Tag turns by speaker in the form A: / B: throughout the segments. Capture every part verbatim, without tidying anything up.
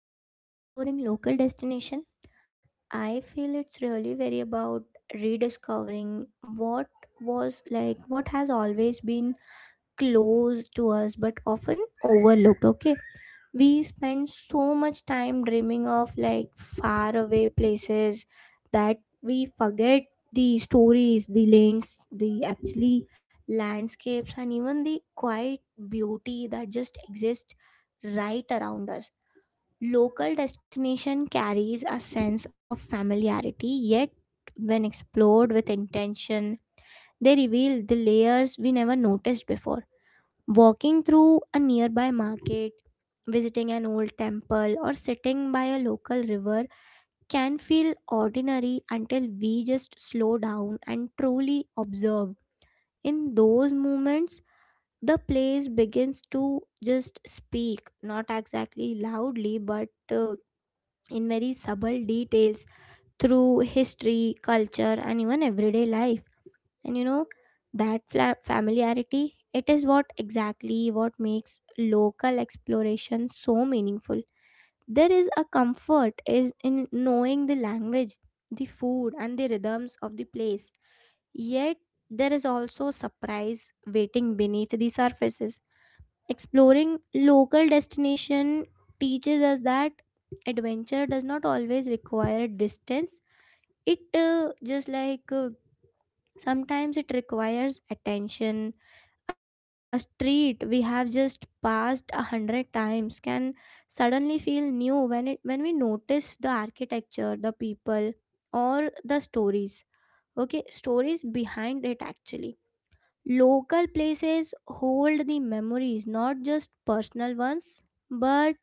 A: talk about exploring local destination, I feel it's really very about rediscovering what was like what has always been close to us but often overlooked. Okay, we spend so much time dreaming of like far away places that we forget the stories, the lanes, the actually landscapes, and even the quiet beauty that just exist right around us. Local destination carries a sense of familiarity, yet when explored with intention, they reveal the layers we never noticed before. Walking through a nearby market, visiting an old temple, or sitting by a local river can feel ordinary until we just slow down and truly observe. In those moments, the place begins to just speak, not exactly loudly, but uh, in very subtle details, through history, culture, and even everyday life. And you know, that fla- familiarity, it is what exactly what makes local exploration so meaningful. There is a comfort is in knowing the language, the food, and the rhythms of the place. Yet there is also surprise waiting beneath the surfaces. Exploring local destination teaches us that adventure does not always require distance. It uh, just like uh, Sometimes it requires attention. A street we have just passed a hundred times can suddenly feel new when it when we notice the architecture, the people, or the stories. Okay, stories behind it actually Local places hold the memories, not just personal ones, but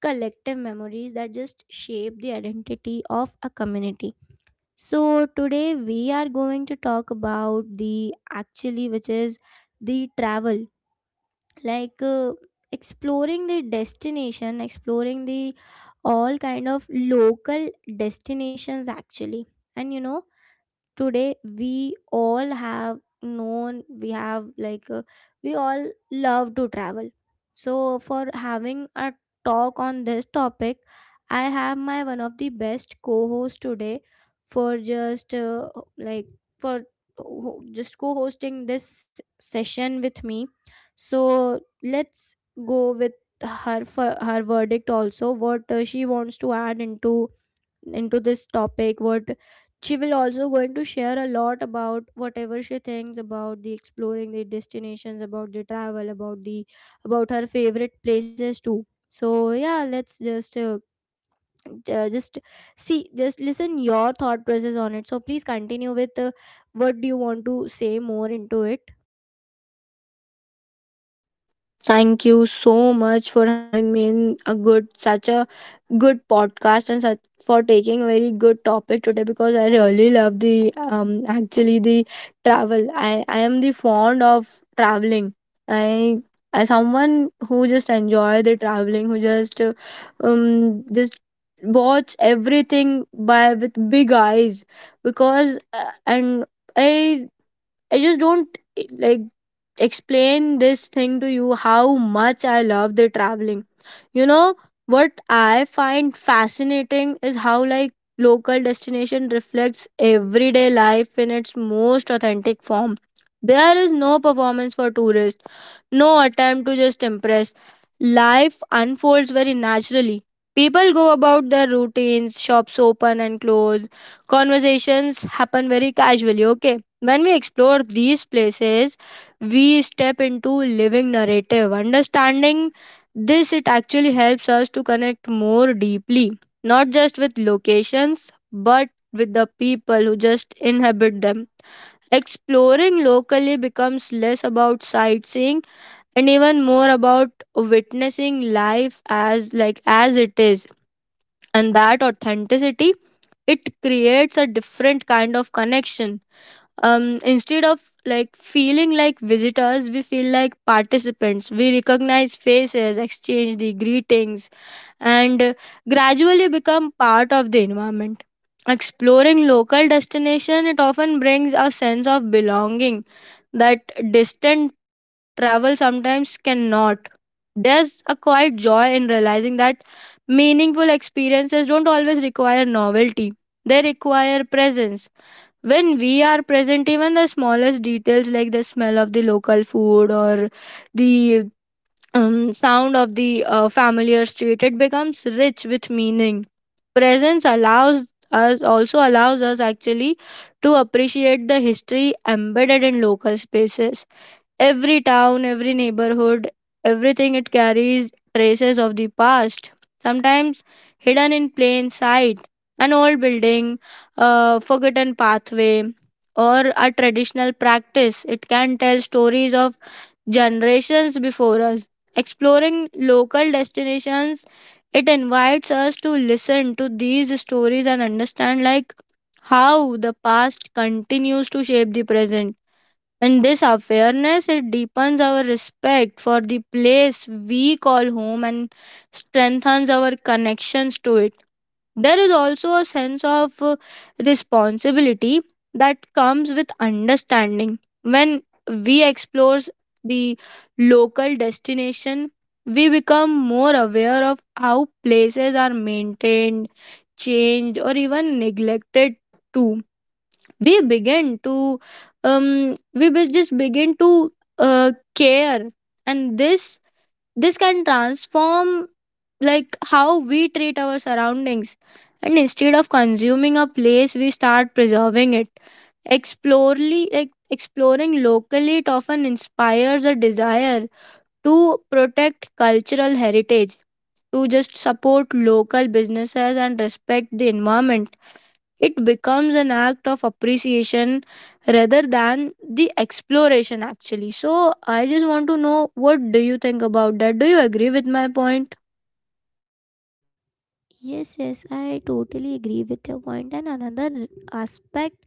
A: collective memories that just shape the identity of a community. So, today we are going to talk about the actually, which is the travel, like uh, exploring the destination, exploring the all kind of local destinations actually. And you know, Today we all have known we have like uh, we all love to travel, so for having a talk on this topic, I have my one of the best co-host today for just uh, like for ho- just co-hosting this session with me. So let's go with her for her verdict also, what uh, she wants to add into into this topic, what she will also going to share a lot about whatever she thinks about the exploring the destinations, about the travel, about the about her favorite places too. So, yeah, let's just uh, uh, just see just listen your thought process on it. So please continue with uh, what do you want to say more into it.
B: Thank you so much for having me in a good, such a good podcast and such for taking a very good topic today because I really love the um actually the travel. I I am the fond of traveling. I as someone who just enjoy the traveling, who just uh, um just watch everything by with big eyes because uh, and I I just don't eh, like explain this thing to you how much I love the traveling. You know what I find fascinating is how like local destination reflects everyday life in its most authentic form. There is no performance for tourists, no attempt to just impress. Life unfolds very naturally. People go about their routines, shops open and close, conversations happen very casually, okay? When we explore these places, we step into living narrative. Understanding this, it actually helps us to connect more deeply, not just with locations, but with the people who just inhabit them. Exploring locally becomes less about sightseeing and even more about witnessing life as like as it is, and that authenticity it creates a different kind of connection. Um instead of like feeling like visitors, we feel like participants. We recognize faces, exchange the greetings, and uh, gradually become part of the environment. Exploring local destination, it often brings a sense of belonging that distant travel sometimes cannot. There's a quiet joy in realizing that meaningful experiences don't always require novelty, they require presence. When we are present, even the smallest details like the smell of the local food or the um, sound of the uh, familiar street, it becomes rich with meaning. Presence allows us, also allows us actually, to appreciate the history embedded in local spaces. Every town, every neighborhood, everything, it carries traces of the past, sometimes hidden in plain sight. An old building, a forgotten pathway, or a traditional practice, it can tell stories of generations before us. Exploring local destinations, it invites us to listen to these stories and understand like how the past continues to shape the present. And this awareness, it deepens our respect for the place we call home and strengthens our connections to it. There is also a sense of uh, responsibility that comes with understanding. When we explore the local destination, we become more aware of how places are maintained, changed, or even neglected too. We begin to um we be- just begin to uh, care, and this this can transform like how we treat our surroundings. And instead of consuming a place, we start preserving it. Explorely like exploring locally, it often inspires a desire to protect cultural heritage, to just support local businesses and respect the environment. It becomes an act of appreciation rather than the exploration, actually. So, I just want to know, what do you think about that? Do you agree with my point?
A: Yes, yes, I totally agree with your point. And another aspect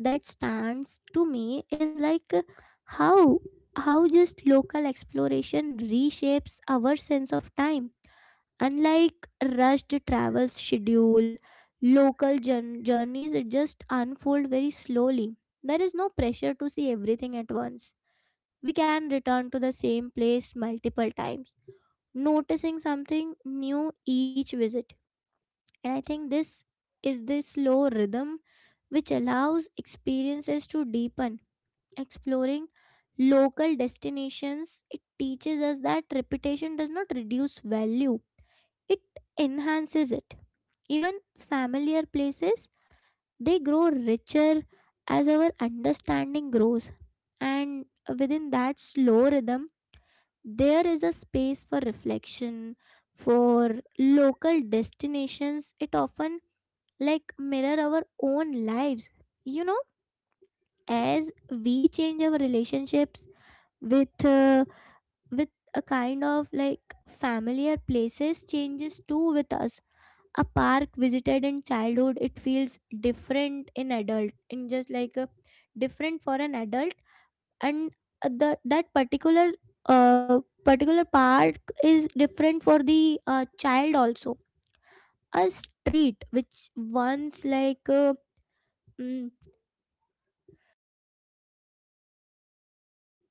A: that stands to me is like uh, how how just local exploration reshapes our sense of time. Unlike rushed travel schedule, local jour- journeys just unfold very slowly. There is no pressure to see everything at once. We can return to the same place multiple times, noticing something new each visit. And I think this is the slow rhythm which allows experiences to deepen. Exploring local destinations, it teaches us that reputation does not reduce value, it enhances it. Even familiar places, they grow richer as our understanding grows. And within that slow rhythm, there is a space for reflection. For local destinations, it often like mirror our own lives. You know as we change our relationships with uh, with a kind of like familiar places changes too with us. A park visited in childhood, it feels different in adult in just like a different for an adult. And uh, the that particular uh, particular park is different for the uh, child also. A street which once like uh, mm,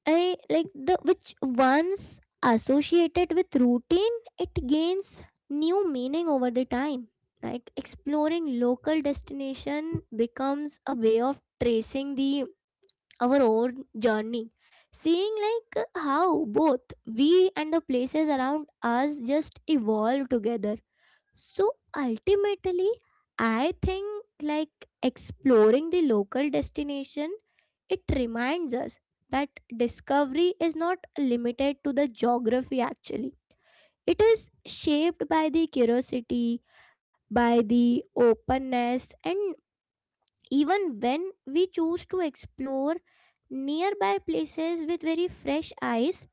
A: I like the which once associated with routine, it gains new meaning over the time. Like exploring local destination becomes a way of tracing the our own journey, seeing like how both we and the places around us just evolve together. So ultimately, I think like exploring the local destination, it reminds us that discovery is not limited to the geography, actually. It is shaped by the curiosity, by the openness, and even when we choose to explore nearby places with very fresh eyes,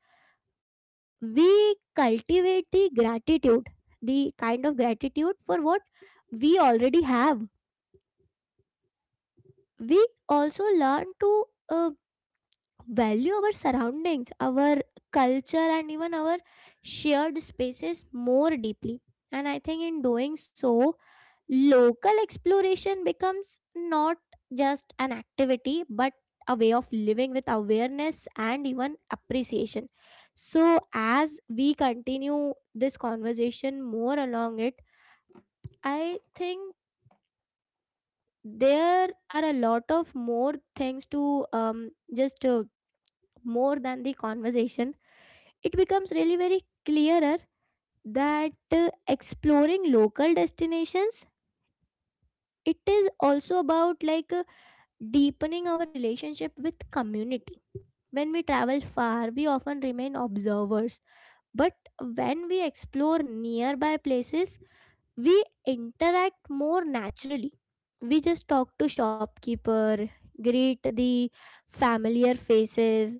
A: we cultivate the gratitude, the kind of gratitude for what we already have. We also learn to uh, value our surroundings, our culture, and even our shared spaces more deeply. And I think in doing so, local exploration becomes not just an activity but a way of living with awareness and even appreciation. So, as we continue this conversation more along it, I think there are a lot of more things to um, just uh, more than the conversation. It becomes really very clearer that uh, exploring local destinations, it is also about like uh, deepening our relationship with community. When we travel far, we often remain observers. But when we explore nearby places, we interact more naturally. We just talk to shopkeeper, greet the familiar faces,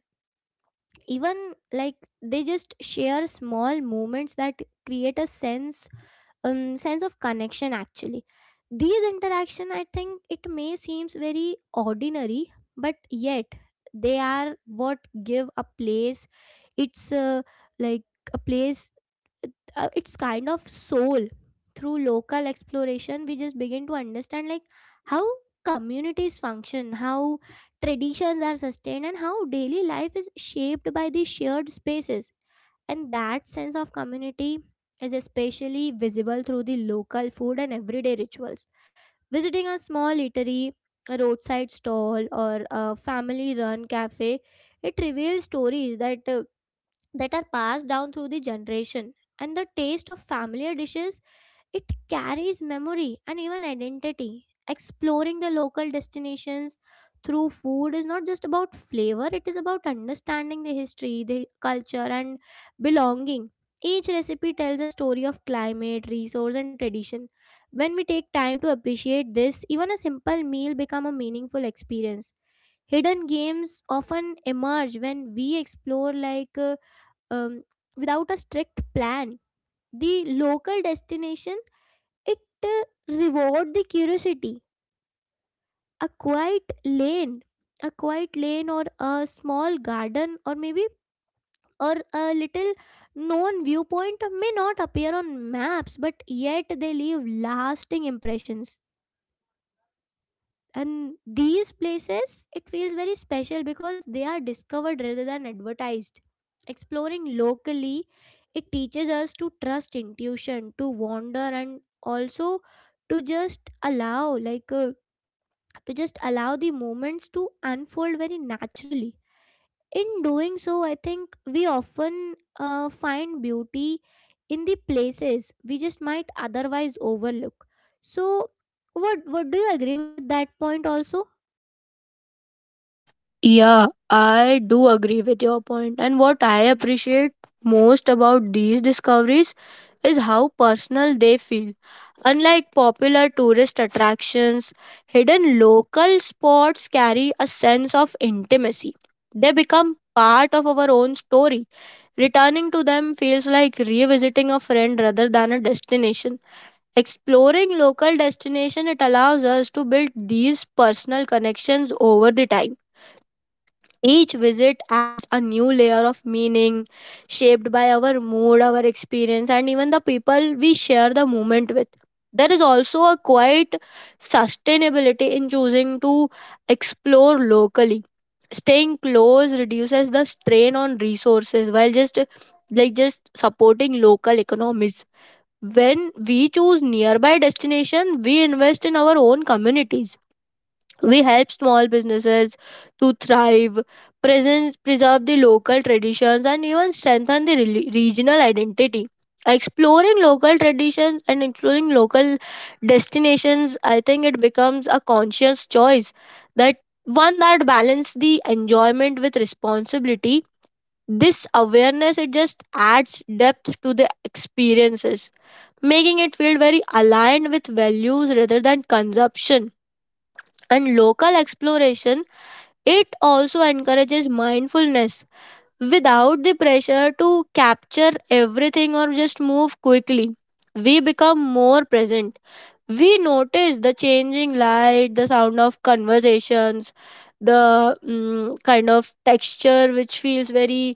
A: even like they just share small moments that create a sense um, sense of connection, actually. These interaction, I think it may seems very ordinary, but yet they are what give a place it's uh, like a place uh, uh, it's kind of soul. Through local exploration, we just begin to understand like how communities function, how traditions are sustained, and how daily life is shaped by these shared spaces. And that sense of community is especially visible through the local food and everyday rituals. Visiting a small eatery, a roadside stall, or a family run cafe, it reveals stories that, uh, that are passed down through the generation. And the taste of familiar dishes, it carries memory and even identity. Exploring the local destinations through food is not just about flavor, it is about understanding the history, the culture, and belonging. Each recipe tells a story of climate, resource, and tradition. When we take time to appreciate this, even a simple meal becomes a meaningful experience. Hidden games often emerge when we explore like uh, um, without a strict plan. The local destination, it uh, reward the curiosity. A quiet lane a quiet lane or a small garden, or maybe or a little known viewpoint may not appear on maps, but yet they leave lasting impressions. And these places, it feels very special because they are discovered rather than advertised. Exploring locally, it teaches us to trust intuition, to wander, and also to just allow like uh, to just allow the moments to unfold very naturally. In doing so, I think we often uh, find beauty in the places we just might otherwise overlook. So, what what, do you agree with that point? Also,
B: Yeah, I do agree with your point. And what I appreciate most about these discoveries is how personal they feel. Unlike popular tourist attractions, hidden local spots carry a sense of intimacy. They become part of our own story. Returning to them feels like revisiting a friend rather than a destination. Exploring local destination, it allows us to build these personal connections over the time. Each visit adds a new layer of meaning, shaped by our mood, our experience, and even the people we share the moment with. There is also a quiet sustainability in choosing to explore locally. Staying close reduces the strain on resources while just like just supporting local economies. When we choose nearby destination, we invest in our own communities. We help small businesses to thrive, present, preserve the local traditions, and even strengthen the reli- regional identity. Exploring local traditions and exploring local destinations, I think it becomes a conscious choice, that one that balance the enjoyment with responsibility. This awareness, it just adds depth to the experiences, making it feel very aligned with values rather than consumption. And local exploration, it also encourages mindfulness without the pressure to capture everything or just move quickly. We become more present. We notice the changing light, the sound of conversations, the mm, kind of texture which feels very,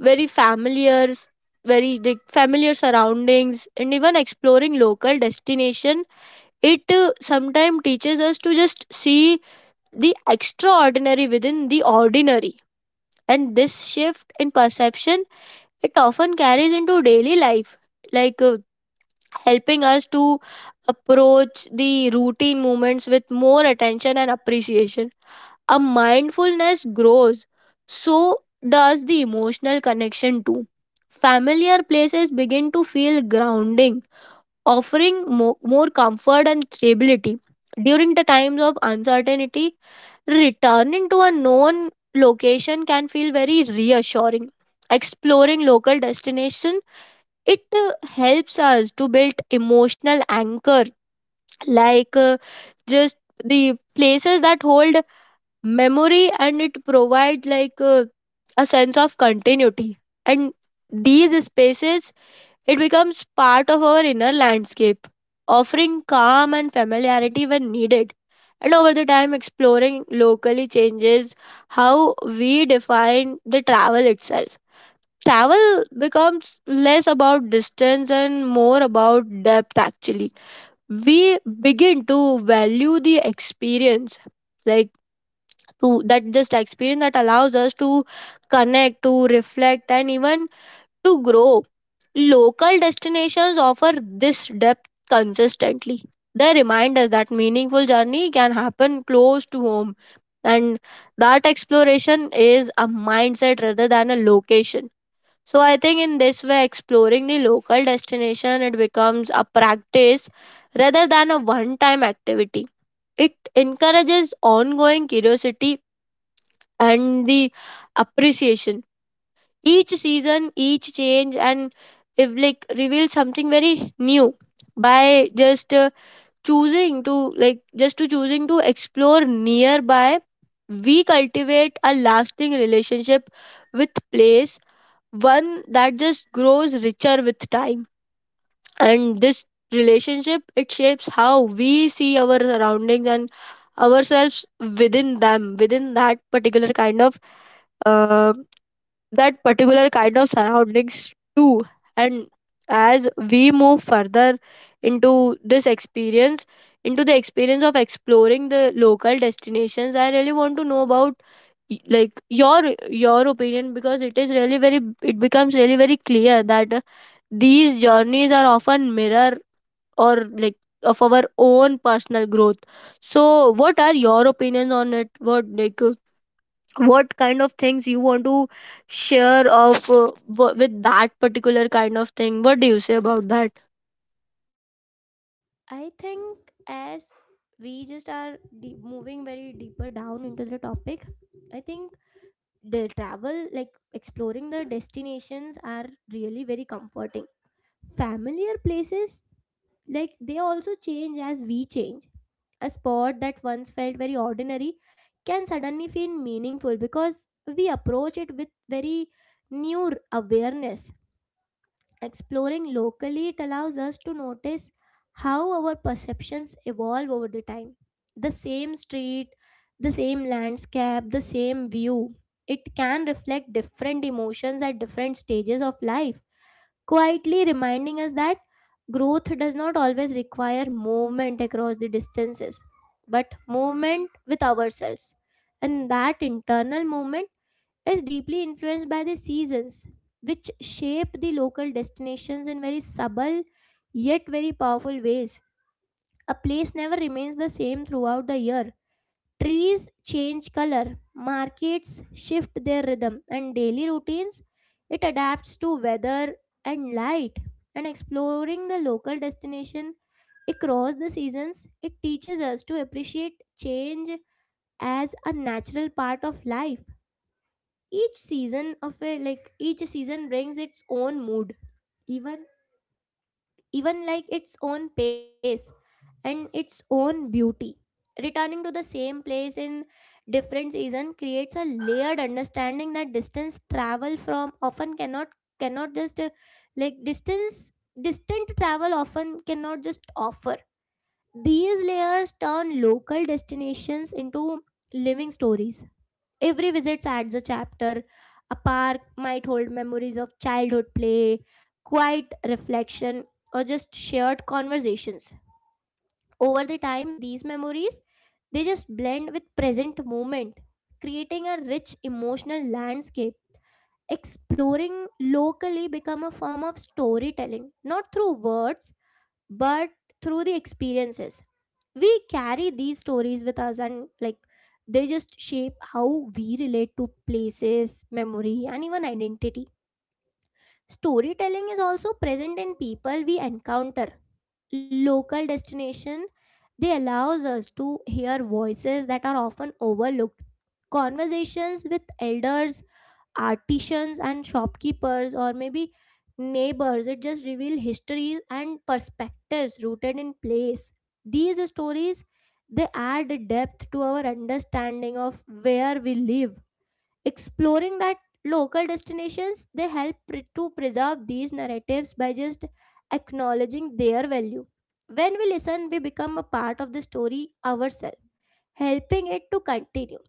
B: very familiar, s- very the familiar surroundings, and even exploring local destination, it sometimes teaches us to just see the extraordinary within the ordinary. And this shift in perception, it often carries into daily life, like uh, helping us to approach the routine movements with more attention and appreciation. A mindfulness grows, so does the emotional connection too. Familiar places begin to feel grounding, offering mo- more comfort and stability during the times of uncertainty. Returning to a known location can feel very reassuring. Exploring local destination, it uh, helps us to build emotional anchor, like uh, just the places that hold memory, and it provide like uh, a sense of continuity. And these spaces, it becomes part of our inner landscape, offering calm and familiarity when needed. And over the time, exploring locally changes how we define the travel itself. Travel becomes less about distance and more about depth, actually. We begin to value the experience, like to, that just experience that allows us to connect, to reflect, and even to grow. Local destinations offer this depth consistently. They remind us that meaningful journey can happen close to home, and that exploration is a mindset rather than a location. So I think in this way exploring the local destination, it becomes a practice rather than a one time activity. It encourages ongoing curiosity and the appreciation. Each season, each change, and if like reveals something very new. By just uh, choosing to like just to choosing to explore nearby, we cultivate a lasting relationship with place, one that just grows richer with time. And this relationship, it shapes how we see our surroundings and ourselves within them, within that particular kind of uh, that particular kind of surroundings too. And as we move further into this experience into the experience of exploring the local destinations, I really want to know about y- like your your opinion, because it is really very, it becomes really very clear that uh, these journeys are often mirror or like of our own personal growth. So what are your opinions on it? What like what kind of things you want to share of uh, w- with that particular kind of thing? What do you say about that?
A: I think as we just are de- moving very deeper down into the topic, I think the travel, like exploring the destinations, are really very comforting. Familiar places, like they also change as we change. A sport that once felt very ordinary can suddenly feel meaningful because we approach it with very new r- awareness. Exploring locally, it allows us to notice how our perceptions evolve over the time. The same street, the same landscape, the same view, it can reflect different emotions at different stages of life, quietly reminding us that growth does not always require movement across the distances, but movement with ourselves. And that internal movement is deeply influenced by the seasons, which shape the local destinations in very subtle yet very powerful ways. A place never remains the same throughout the year. Trees change color, markets shift their rhythm, and daily routines it adapts to weather and light. And exploring the local destination across the seasons, it teaches us to appreciate change as a natural part of life. Each season of a like each season brings its own mood. Even even like its own pace and its own beauty. Returning to the same place in different season creates a layered understanding that distance travel from often cannot cannot just uh, like distance distant travel often cannot just offer. These layers turn local destinations into living stories. Every visit adds a chapter. A park might hold memories of childhood play, quiet reflection, or just shared conversations. Over the time, these memories, they just blend with present moment, creating a rich emotional landscape. Exploring locally become a form of storytelling, not through words, but through the experiences. We carry these stories with us, and like they just shape how we relate to places, memory, and even identity. Storytelling is also present in people we encounter. Local destination, they allows us to hear voices that are often overlooked. Conversations with elders, artisans, and shopkeepers, or maybe neighbors, it just reveal histories and perspectives rooted in place. These stories, they add depth to our understanding of where we live. Exploring that local destinations, they help pre- to preserve these narratives by just acknowledging their value. When we listen, we become a part of the story ourselves, helping it to continue.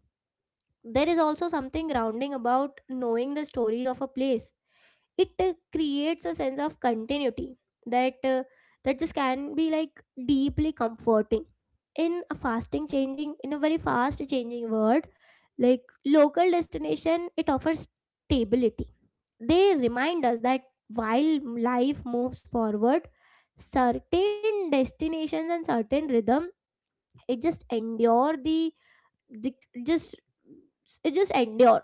A: There is also something grounding about knowing the stories of a place. It uh, creates a sense of continuity that uh, that just can be like deeply comforting. In a fasting changing in a very fast changing world, like local destination, it offers stability. They remind us that while life moves forward, certain destinations and certain rhythm it just endure the dic- just it just endure.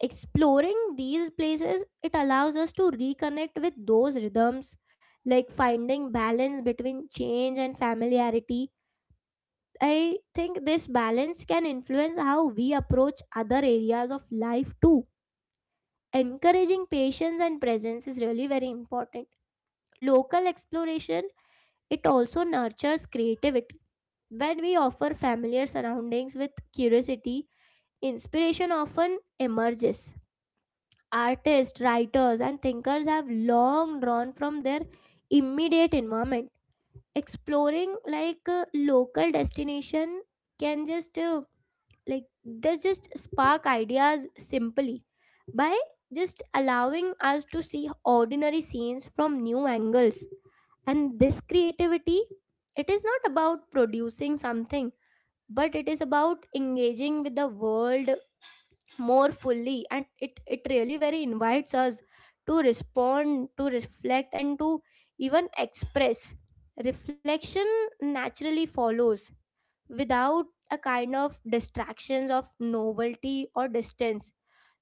A: Exploring these places, it allows us to reconnect with those rhythms, like finding balance between change and familiarity. I think this balance can influence how we approach other areas of life too, encouraging patience and presence is really very important. Local exploration, it also nurtures creativity. When we offer familiar surroundings with curiosity, inspiration often emerges. Artists, writers, and thinkers have long drawn from their immediate environment. Exploring like a local destination can just uh, like they just spark ideas simply by just allowing us to see ordinary scenes from new angles. And this creativity, it is not about producing something, but it is about engaging with the world more fully, and it it really very invites us to respond, to reflect, and to even express. Reflection naturally follows. Without a kind of distractions of novelty or distance,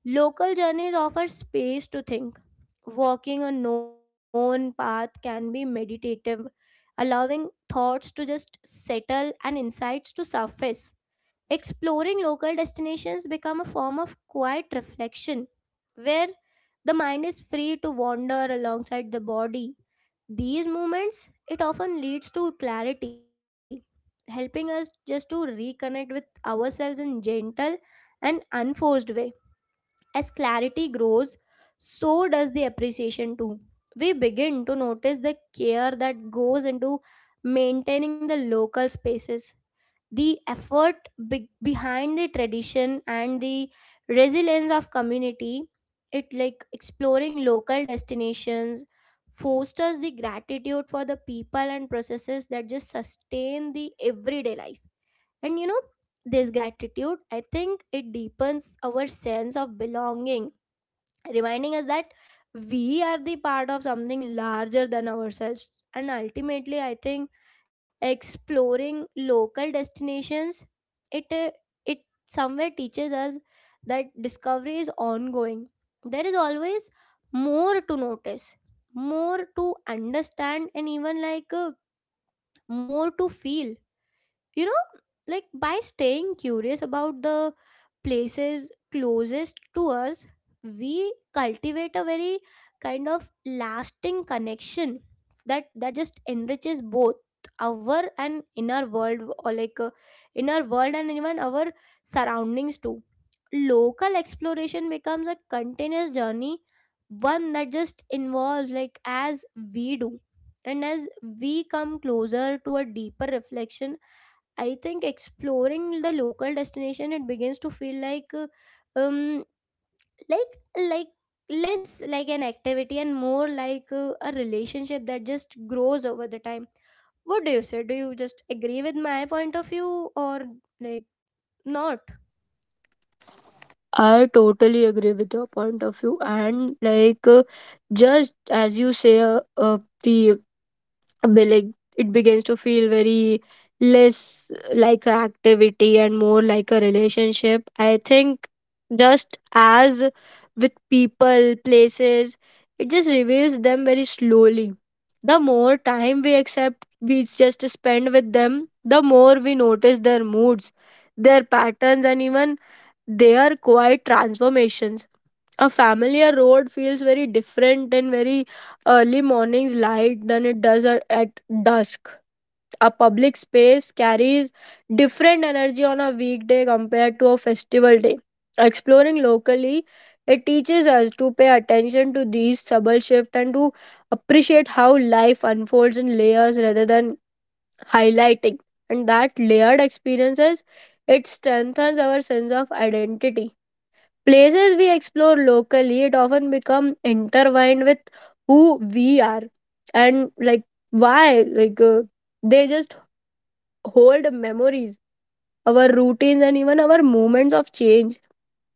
A: local journeys offer space to think. Walking a known path can be meditative, allowing thoughts to just settle and insights to surface. Exploring local destinations become a form of quiet reflection, where the mind is free to wander alongside the body. These movements, it often leads to clarity, helping us just to reconnect with ourselves in gentle and unforced way. As clarity grows, so does the appreciation too. We begin to notice the care that goes into maintaining the local spaces, the effort be- behind the tradition and the resilience of community. It like exploring local destinations fosters the gratitude for the people and processes that just sustain the everyday life. And you know, this gratitude, I think it deepens our sense of belonging, reminding us that we are the part of something larger than ourselves. And ultimately, I think exploring local destinations, it uh, it somewhere teaches us that discovery is ongoing. There is always more to notice, more to understand, and even like uh, more to feel, you know, like by staying curious about the places closest to us, we cultivate a very kind of lasting connection that that just enriches both our and inner world or like uh, inner world and even our surroundings too. Local exploration becomes a continuous journey, one that just involves like as we do, and as we come closer to a deeper reflection. I think exploring the local destination, it begins to feel like uh, um like like less like an activity and more like uh, a relationship that just grows over the time. What do you say? Do you just agree with my point of view or like not?
B: I totally agree with your point of view, and like uh, just as you say, uh, uh, the be- like it begins to feel very less like an activity and more like a relationship. I think just as with people, places, it just reveals them very slowly. The more time we accept we just spend with them, the more we notice their moods, their patterns, and even their quiet transformations. A familiar road feels very different in very early morning's light than it does a- at dusk. A public space carries different energy on a weekday compared to a festival day. Exploring locally, it teaches us to pay attention to these subtle shifts and to appreciate how life unfolds in layers rather than highlighting. And that layered experiences, it strengthens our sense of identity. Places we explore locally, it often become intertwined with who we are, and like why like uh, they just hold memories, our routines, and even our moments of change.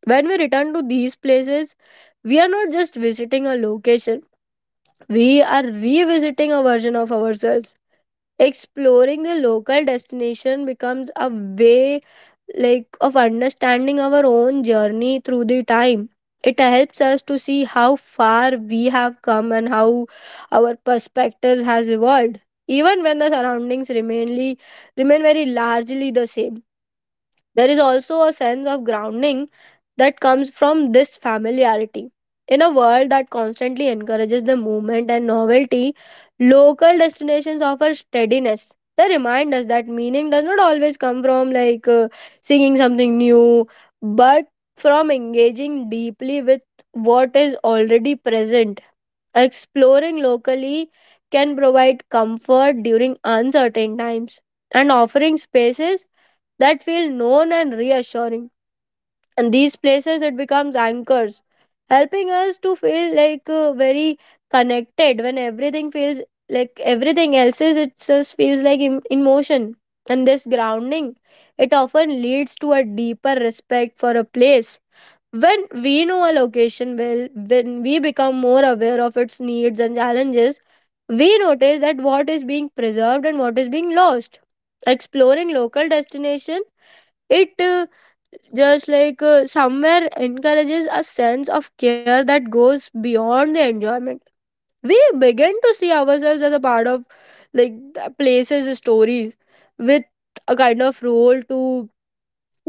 B: When we return to these places, we are not just visiting a location, we are revisiting a version of ourselves. Exploring the local destination becomes a way like of understanding our own journey through the time. It helps us to see how far we have come and how our perspectives has evolved, even when the surroundings remainly remain very largely the same. There is also a sense of grounding that comes from this familiarity. In a world that constantly encourages the movement and novelty, local destinations offer steadiness. They remind us that meaning does not always come from like uh, singing something new, but from engaging deeply with what is already present. Exploring locally can provide comfort during uncertain times, and offering spaces that feel known and reassuring. And these places, it becomes anchors, helping us to feel like uh, very connected when everything feels like, everything else is, it just feels like em- in motion. And this grounding, it often leads to a deeper respect for a place. When we know a location well, when we become more aware of its needs and challenges, we notice that what is being preserved and what is being lost. Exploring local destination, it uh, just like uh, somewhere encourages a sense of care that goes beyond the enjoyment. We begin to see ourselves as a part of like the places stories, with a kind of role to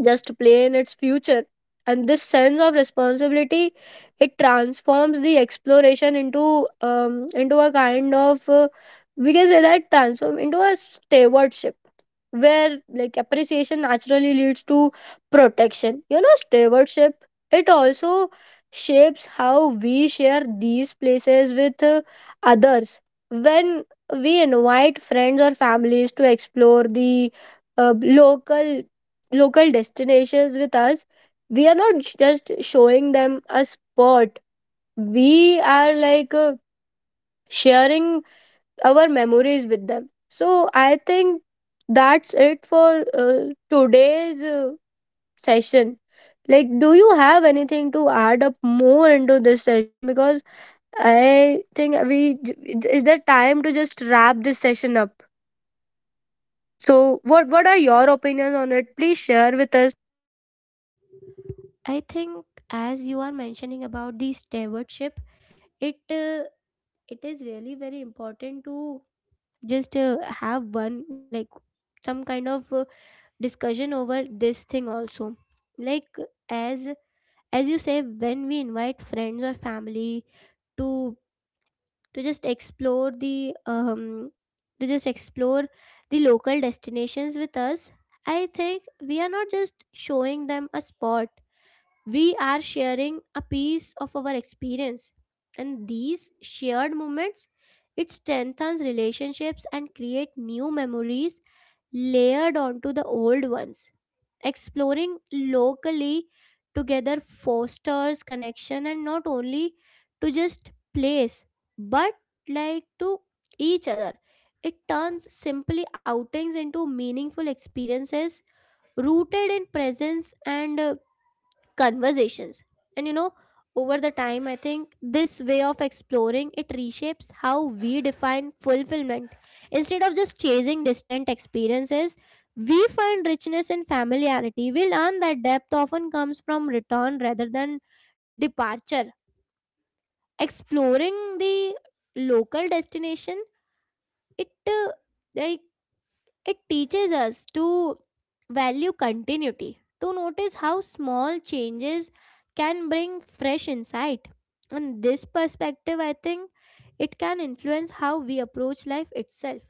B: just play in its future. And this sense of responsibility, it transforms the exploration into um, into a kind of uh, we can say that transform into a stewardship, where like appreciation naturally leads to protection. You know stewardship, it also shapes how we share these places with uh, others. When we invite friends or families to explore the uh, local local destinations with us, we are not j- just showing them a spot, we are like uh, sharing our memories with them. So I think that's it for uh, today's uh, session. Like, do you have anything to add up more into this session? Because I think we, is there time to just wrap this session up? So what what are your opinions on it? Please share with us.
A: I think as you are mentioning about the stewardship, it uh, it is really very important to just uh, have one, like some kind of uh, discussion over this thing also, like as as you say, when we invite friends or family to to just explore the um to just explore the local destinations with us. I think we are not just showing them a spot, we are sharing a piece of our experience. And these shared moments, it strengthens relationships and create new memories layered onto the old ones. Exploring locally together fosters connection and not only to just place, but like to each other. It turns simply outings into meaningful experiences, rooted in presence and uh, conversations. And you know, over the time, I think this way of exploring, it reshapes how we define fulfillment. Instead of just chasing distant experiences, we find richness in familiarity. We learn that depth often comes from return rather than departure. Exploring the local destination, it uh, like it teaches us to value continuity, to notice how small changes can bring fresh insight. And this perspective, I think, it can influence how we approach life itself,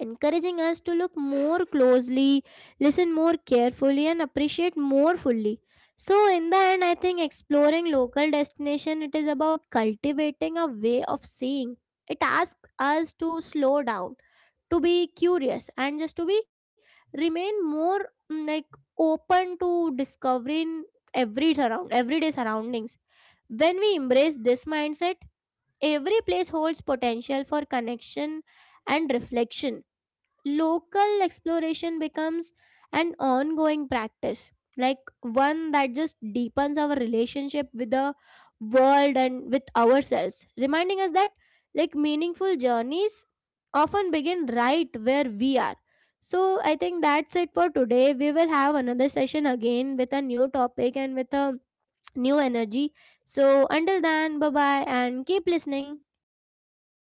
A: encouraging us to look more closely, listen more carefully, and appreciate more fully. So, in the end, I think exploring local destination, it is about cultivating a way of seeing. It asks us to slow down, to be curious, and just to be, remain more mm, like open to discovering every surround everyday surroundings. When we embrace this mindset, every place holds potential for connection and reflection. Local exploration becomes an ongoing practice, like one that just deepens our relationship with the world and with ourselves, reminding us that like meaningful journeys often begin right where we are. So I think that's it for today. We will have another session again with a new topic and with a new energy. So until then, bye bye, and keep listening.